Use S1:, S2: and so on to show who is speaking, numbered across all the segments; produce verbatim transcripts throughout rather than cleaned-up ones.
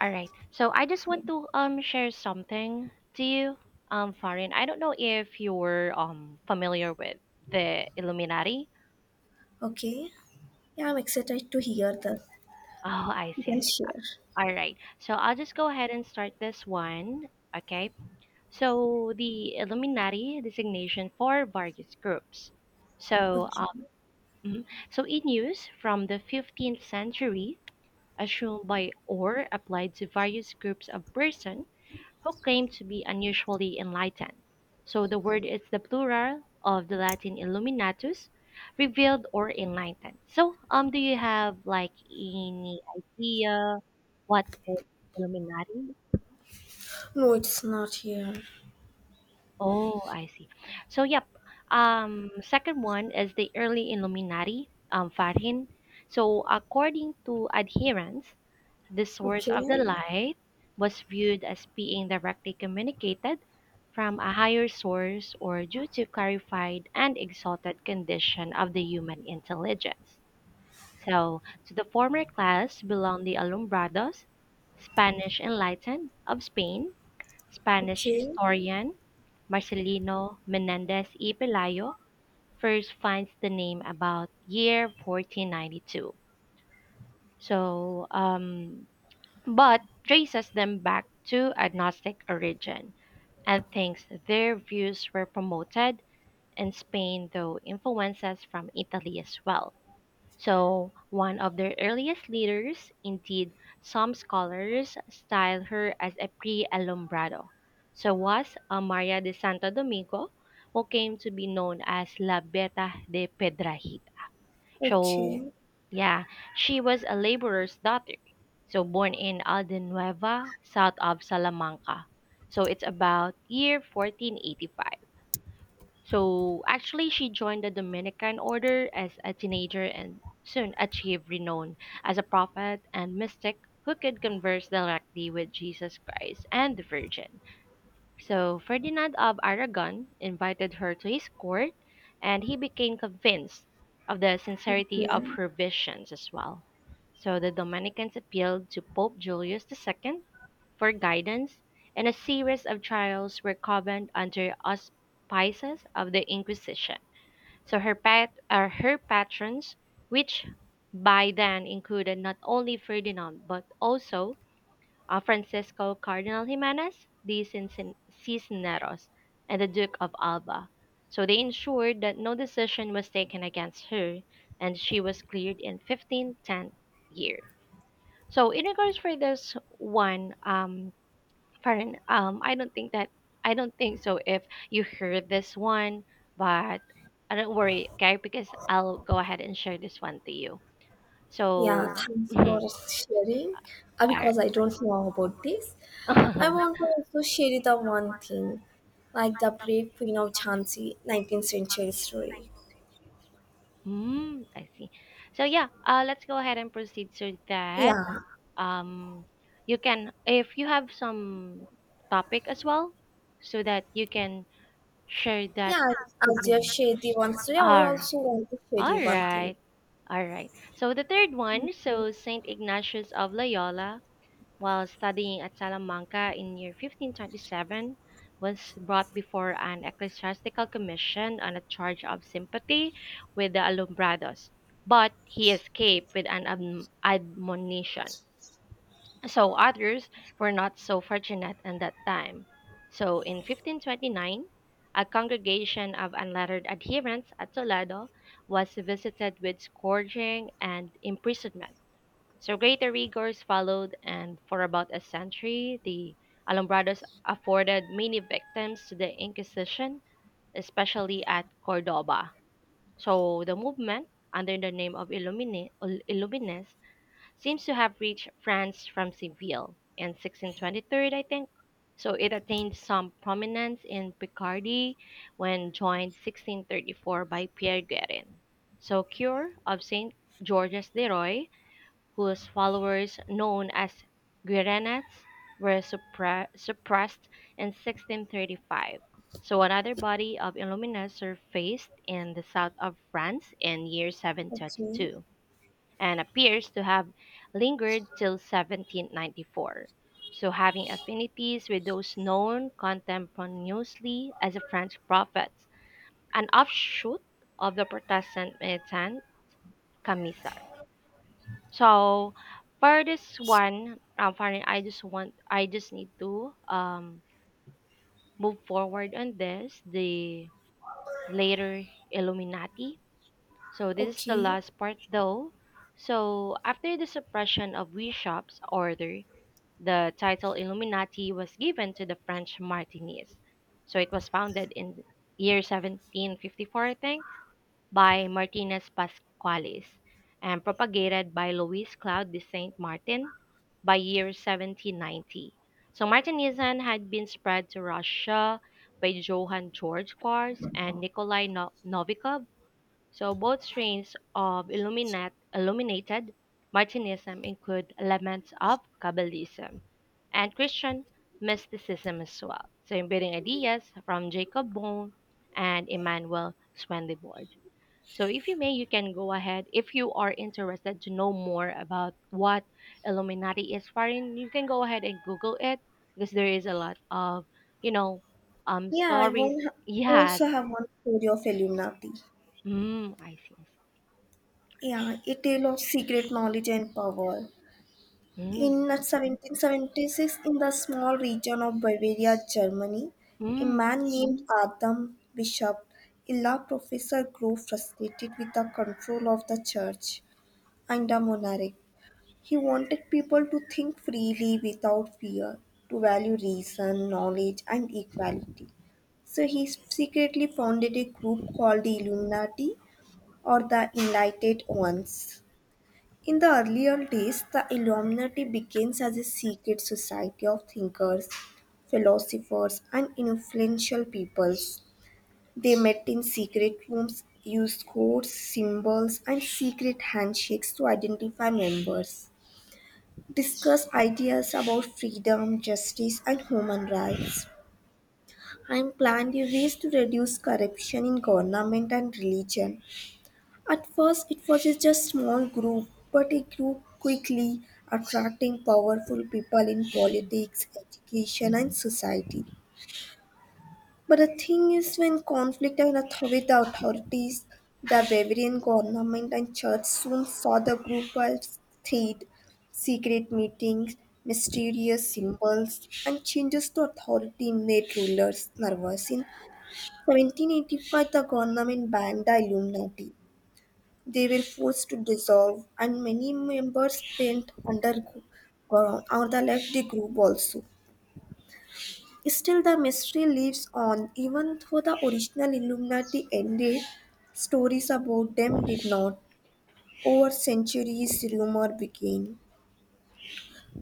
S1: All right. So I just want to um share something to you, um, Farin. I don't know if you're um familiar with the Illuminati.
S2: Okay. Yeah, I'm excited to hear that.
S1: Oh, I
S2: You
S1: see, I
S2: can
S1: see.
S2: share.
S1: All right. So I'll just go ahead and start this one. Okay. So the Illuminati designation for various groups. So
S2: Okay.
S1: um, mhm. So in use from the fifteenth century, assumed by or applied to various groups of person who claimed to be unusually enlightened. So the word is the plural of the Latin illuminatus, revealed or enlightened. So, um, do you have like any idea what is Illuminati?
S2: No, it's not here.
S1: Oh, I see. So, yep. Um, second one is the early Illuminati, um, Farhin. So, according to adherents, the source of the
S2: Okay.
S1: light was viewed as being directly communicated from a higher source or due to clarified and exalted condition of the human intelligence. So, to the former class belong the Alumbrados, Spanish enlightened of Spain, Spanish
S2: Okay.
S1: historian Marcelino Menendez y Pelayo first finds the name about year fourteen ninety-two. So, um, but traces them back to agnostic origin and thinks their views were promoted in Spain, though influences from Italy as well. So, one of their earliest leaders, indeed, some scholars style her as a pre Alumbrado. So, was Maria de Santo Domingo, who came to be known as La Beta de Pedrahi. So,
S2: Okay.
S1: yeah, she was a laborer's daughter. So, born in Aldenueva, south of Salamanca. So, it's about year fourteen eighty-five. So, actually, she joined the Dominican order as a teenager and soon achieved renown as a prophet and mystic who could converse directly with Jesus Christ and the Virgin. So Ferdinand of Aragon invited her to his court, and he became convinced of the sincerity of
S2: Okay.
S1: her visions as well. So the Dominicans appealed to Pope Julius two for guidance, and a series of trials were convened under auspices of the Inquisition. So her pat uh, her patrons, which by then included not only Ferdinand but also uh, Francisco Cardinal Jimenez de Cincin- Cisneros, and the Duke of Alba. So they ensured that no decision was taken against her, and she was cleared in fifteen ten year. So in regards for this one, um, Farron, um, I don't think that I don't think so. If you heard this one, but I don't worry, okay, because I'll go ahead and share this one to you.
S2: Yeah,
S1: So,
S2: thanks
S1: all
S2: for sharing. Uh,
S1: right.
S2: because I don't know about this. I want to also share the one thing, like the brave queen of Jhansi, nineteenth century story.
S1: Mm, I see. So yeah, uh, let's go ahead and proceed so that
S2: Yeah.
S1: um, you can, if you have some topic as well, so that you can share that
S2: Yeah,
S1: to
S2: as you have
S1: me.
S2: shared the one story, I
S1: All,
S2: also want to share you
S1: all
S2: one thing.
S1: right, all right. So the third one,
S2: Okay.
S1: so Saint Ignatius of Loyola while studying at Salamanca in year fifteen twenty-seven, was brought before an ecclesiastical commission on a charge of sympathy with the Alumbrados, but he escaped with an adm- admonition. So others were not so fortunate in that time. So in fifteen twenty-nine, a congregation of unlettered adherents at Toledo was visited with scourging and imprisonment. So greater rigors followed, and for about a century, the Alumbrados afforded many victims to the Inquisition, especially at Cordoba. So the movement, under the name of Illumine, Il- Illumines, seems to have reached France from Seville in sixteen twenty-three, I think. So it attained some prominence in Picardy when joined sixteen thirty-four by Pierre Guerin. So cure of Saint Georges de Roy whose followers, known as Guirenates, were suppre- suppressed in sixteen thirty-five. So another body of Illuminati surfaced in the south of France in year
S2: Okay.
S1: seven twenty-two and appears to have lingered till seventeen ninety-four. So having affinities with those known contemporaneously as the French prophets, an offshoot of the Protestant militant Camisard. So for this one, um, finally, I just want, I just need to um move forward on this. The later Illuminati. So this is the
S2: Okay.
S1: last part though. So after the suppression of Bishop's order, the title Illuminati was given to the French Martinis. So it was founded in year seventeen fifty-four, I think by Martinez Pasqualis and propagated by Louis Claude de Saint Martin by year seventeen ninety. So Martinism had been spread to Russia by Johann George Quartz and Nikolai No- Novikov. So both strains of illuminat- illuminated Martinism include elements of Kabbalism and Christian mysticism as well. So embedding ideas from Jacob Bohm and Emmanuel Swedenborg. So if you may, you can go ahead. If you are interested to know more about what Illuminati is, Farin, you can go ahead and Google it because there is a lot of, you know, um,
S2: Yeah, I
S1: stories.
S2: won
S1: Yes.
S2: also have one story of Illuminati.
S1: Mm, I see.
S2: Yeah, a tale of secret knowledge and power.
S1: Mm,
S2: In seventeen seventy-six, in the small region of Bavaria, Germany, a
S1: mm,
S2: man named Adam Bishop, a law professor, grew frustrated with the control of the church and the monarch. He wanted people to think freely without fear, to value reason, knowledge, and equality. So he secretly founded a group called the Illuminati or the Enlightened Ones. In the earlier days, the Illuminati begins as a secret society of thinkers, philosophers, and influential peoples. They met in secret rooms, used codes, symbols, and secret handshakes to identify members discuss ideas about freedom, justice, and human rights, and plan the ways to reduce corruption in government and religion. At first, it was just small group, but it grew quickly, attracting powerful people in politics, education, and society. But the thing is, when conflict and author- with the authorities, the Bavarian government and church soon saw the group as threat, secret meetings, mysterious symbols, and changes to authority made rulers nervous. In seventeen eighty-five, the government banned the Illuminati. They were forced to dissolve, and many members went underground or the left the group also. Still, the mystery lives on even though the original Illuminati ended, stories about them did not. Over centuries, rumor began.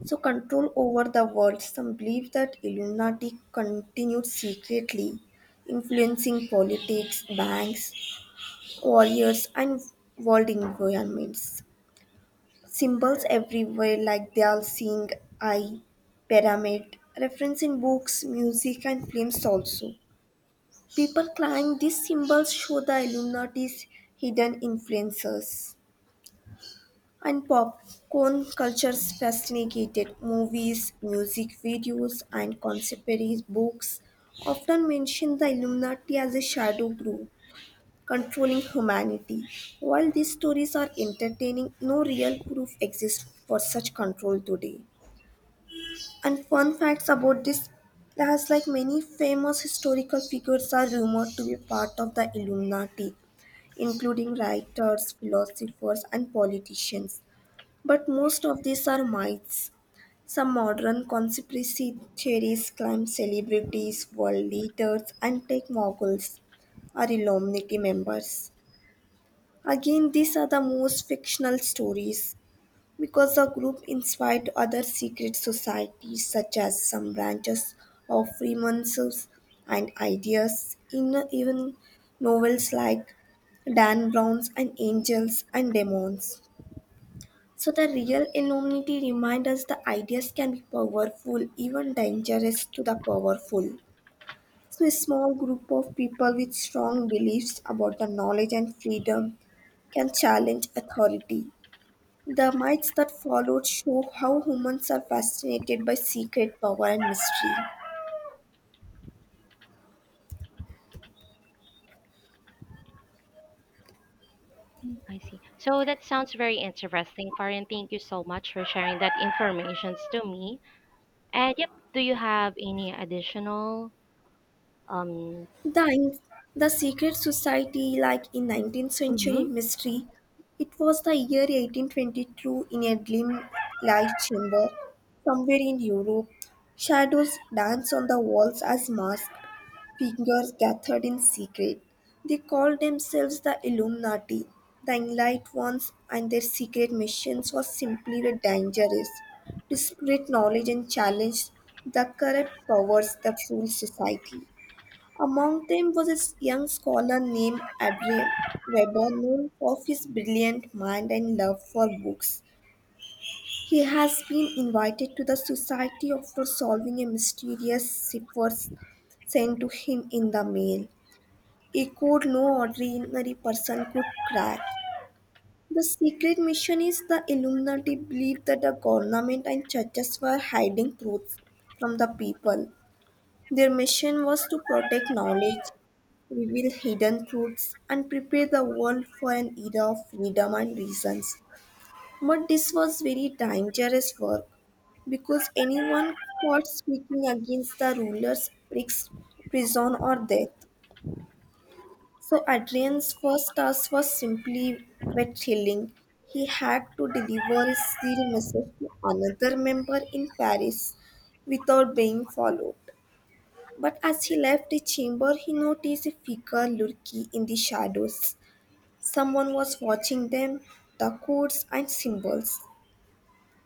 S2: So, control over the world. Some believe that Illuminati continued secretly, influencing politics, banks, warriors, and world environments. Symbols everywhere, like they are seeing eye, pyramid, reference in books, music, and films also. People claim these symbols show the Illuminati's hidden influences. And popcorn culture's fascinated movies, music videos, and contemporary books often mention the Illuminati as a shadow group controlling humanity. While these stories are entertaining, no real proof exists for such control today. And fun facts about this as like many famous historical figures are rumored to be part of the Illuminati, including writers, philosophers, and politicians. But most of these are myths. Some modern conspiracy theories claim celebrities, world leaders, and tech moguls are Illuminati members. Again, these are the most fictional stories because the group inspired other secret societies such as some branches of Freemasons and ideas in even novels like Dan Brown's and Angels and Demons. So the real anonymity reminds us the ideas can be powerful, even dangerous to the powerful. So a small group of people with strong beliefs about the knowledge and freedom can challenge authority the myths that followed show how humans are fascinated by secret power and mystery.
S1: I see. So that sounds very interesting, Farin. Thank you so much for sharing that information to me. And yep, do you have any additional um?
S2: The, the secret society, like in nineteenth century
S1: Mm-hmm,
S2: mystery, it was the year eighteen twenty-two in a dim light chamber somewhere in Europe. Shadows dance on the walls as masks, figures gathered in secret. They called themselves the Illuminati, the Enlightened Ones, and their secret missions was simply were dangerous to spread knowledge and challenge the corrupt powers that rule society. Among them was a young scholar named Adrian Weber, known for his brilliant mind and love for books. He has been invited to the society after solving a mysterious cipher sent to him in the mail a code no ordinary person could crack. The secret mission is the Illuminati believed that the government and churches were hiding truths from the people. Their mission was to protect knowledge, reveal hidden truths, and prepare the world for an era of freedom and reasons. But this was very dangerous work because anyone caught speaking against the rulers risks prison or death. So Adrian's first task was simply wet healing. He had to deliver a seal message to another member in Paris without being followed. But as he left the chamber, he noticed a figure lurking in the shadows. Someone was watching them, the codes and symbols.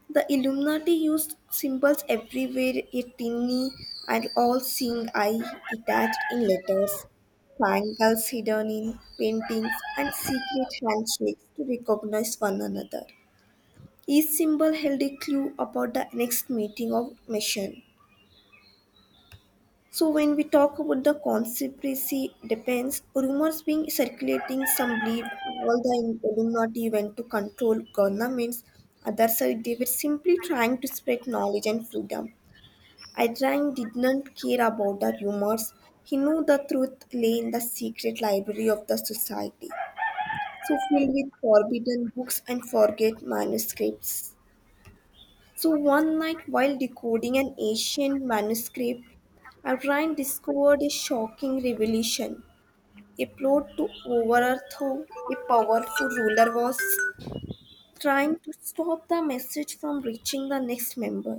S2: The Illuminati used symbols everywhere a tiny and all seeing eye attached in letters, triangles hidden in paintings, and secret handshakes to recognize one another. Each symbol held a clue about the next meeting of mission. So when we talk about the conspiracy depends, rumors being circulating, some believe all the Illuminati went to control governments, others said they were simply trying to spread knowledge and freedom. Adrian did not care about the rumors. He knew the truth lay in the secret library of the society, so filled with forbidden books and forget manuscripts. So one night, while decoding an ancient manuscript, Adrian discovered a shocking revelation. A plot to overthrow a powerful ruler was trying to stop the message from reaching the next member.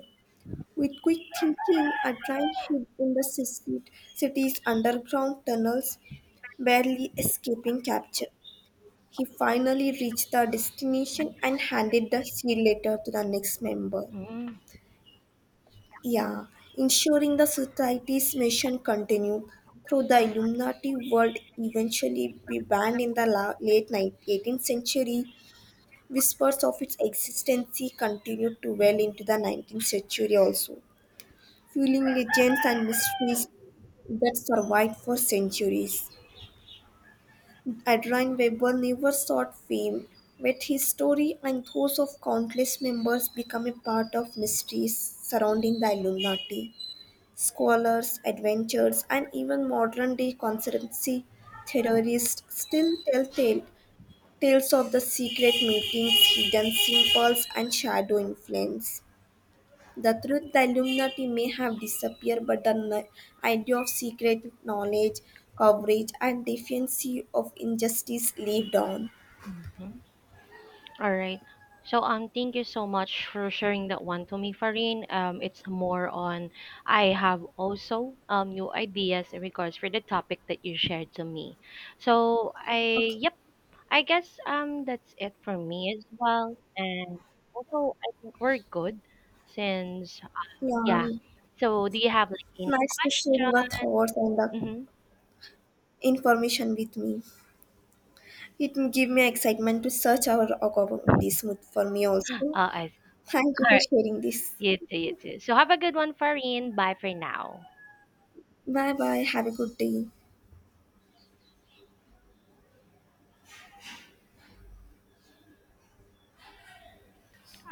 S2: With quick thinking, a giant ship in the city, city's underground tunnels, barely escaping capture. He finally reached the destination and handed the seal letter to the next member.
S1: mm-hmm.
S2: Yeah, ensuring the society's mission continued, though the Illuminati would eventually be banned in the la- late ninth century. Whispers of its existence continued to well into the nineteenth century also, fueling legends and mysteries that survived for centuries. Adrian Weber never sought fame, but his story and those of countless members become a part of mysteries surrounding the Illuminati. Scholars, adventurers, and even modern day conspiracy theorists still tell tale, tales of the secret meetings, hidden symbols, and shadow influence. The truth, the Illuminati may have disappeared, but the n- idea of secret knowledge, coverage, and defiancy of injustice lived on.
S1: Mm-hmm. All right. So um thank you so much for sharing that one to me, Farin. Um it's more on I have also um new ideas in regards for the topic that you shared to me. So I
S2: Okay.
S1: yep, I guess um that's it for me as well. And also I think we're good since
S2: Yeah.
S1: yeah.
S2: um,
S1: So do you have like any
S2: Nice to share
S1: question?
S2: your thoughts and the
S1: Mm-hmm.
S2: information with me. It will give me excitement to search our about this mood for me
S1: Uh
S2: also.
S1: I all
S2: Thank you for
S1: right.
S2: sharing this.
S1: You too, you too. So have a good one, Farin. Bye for now.
S2: Bye bye. Have a good day.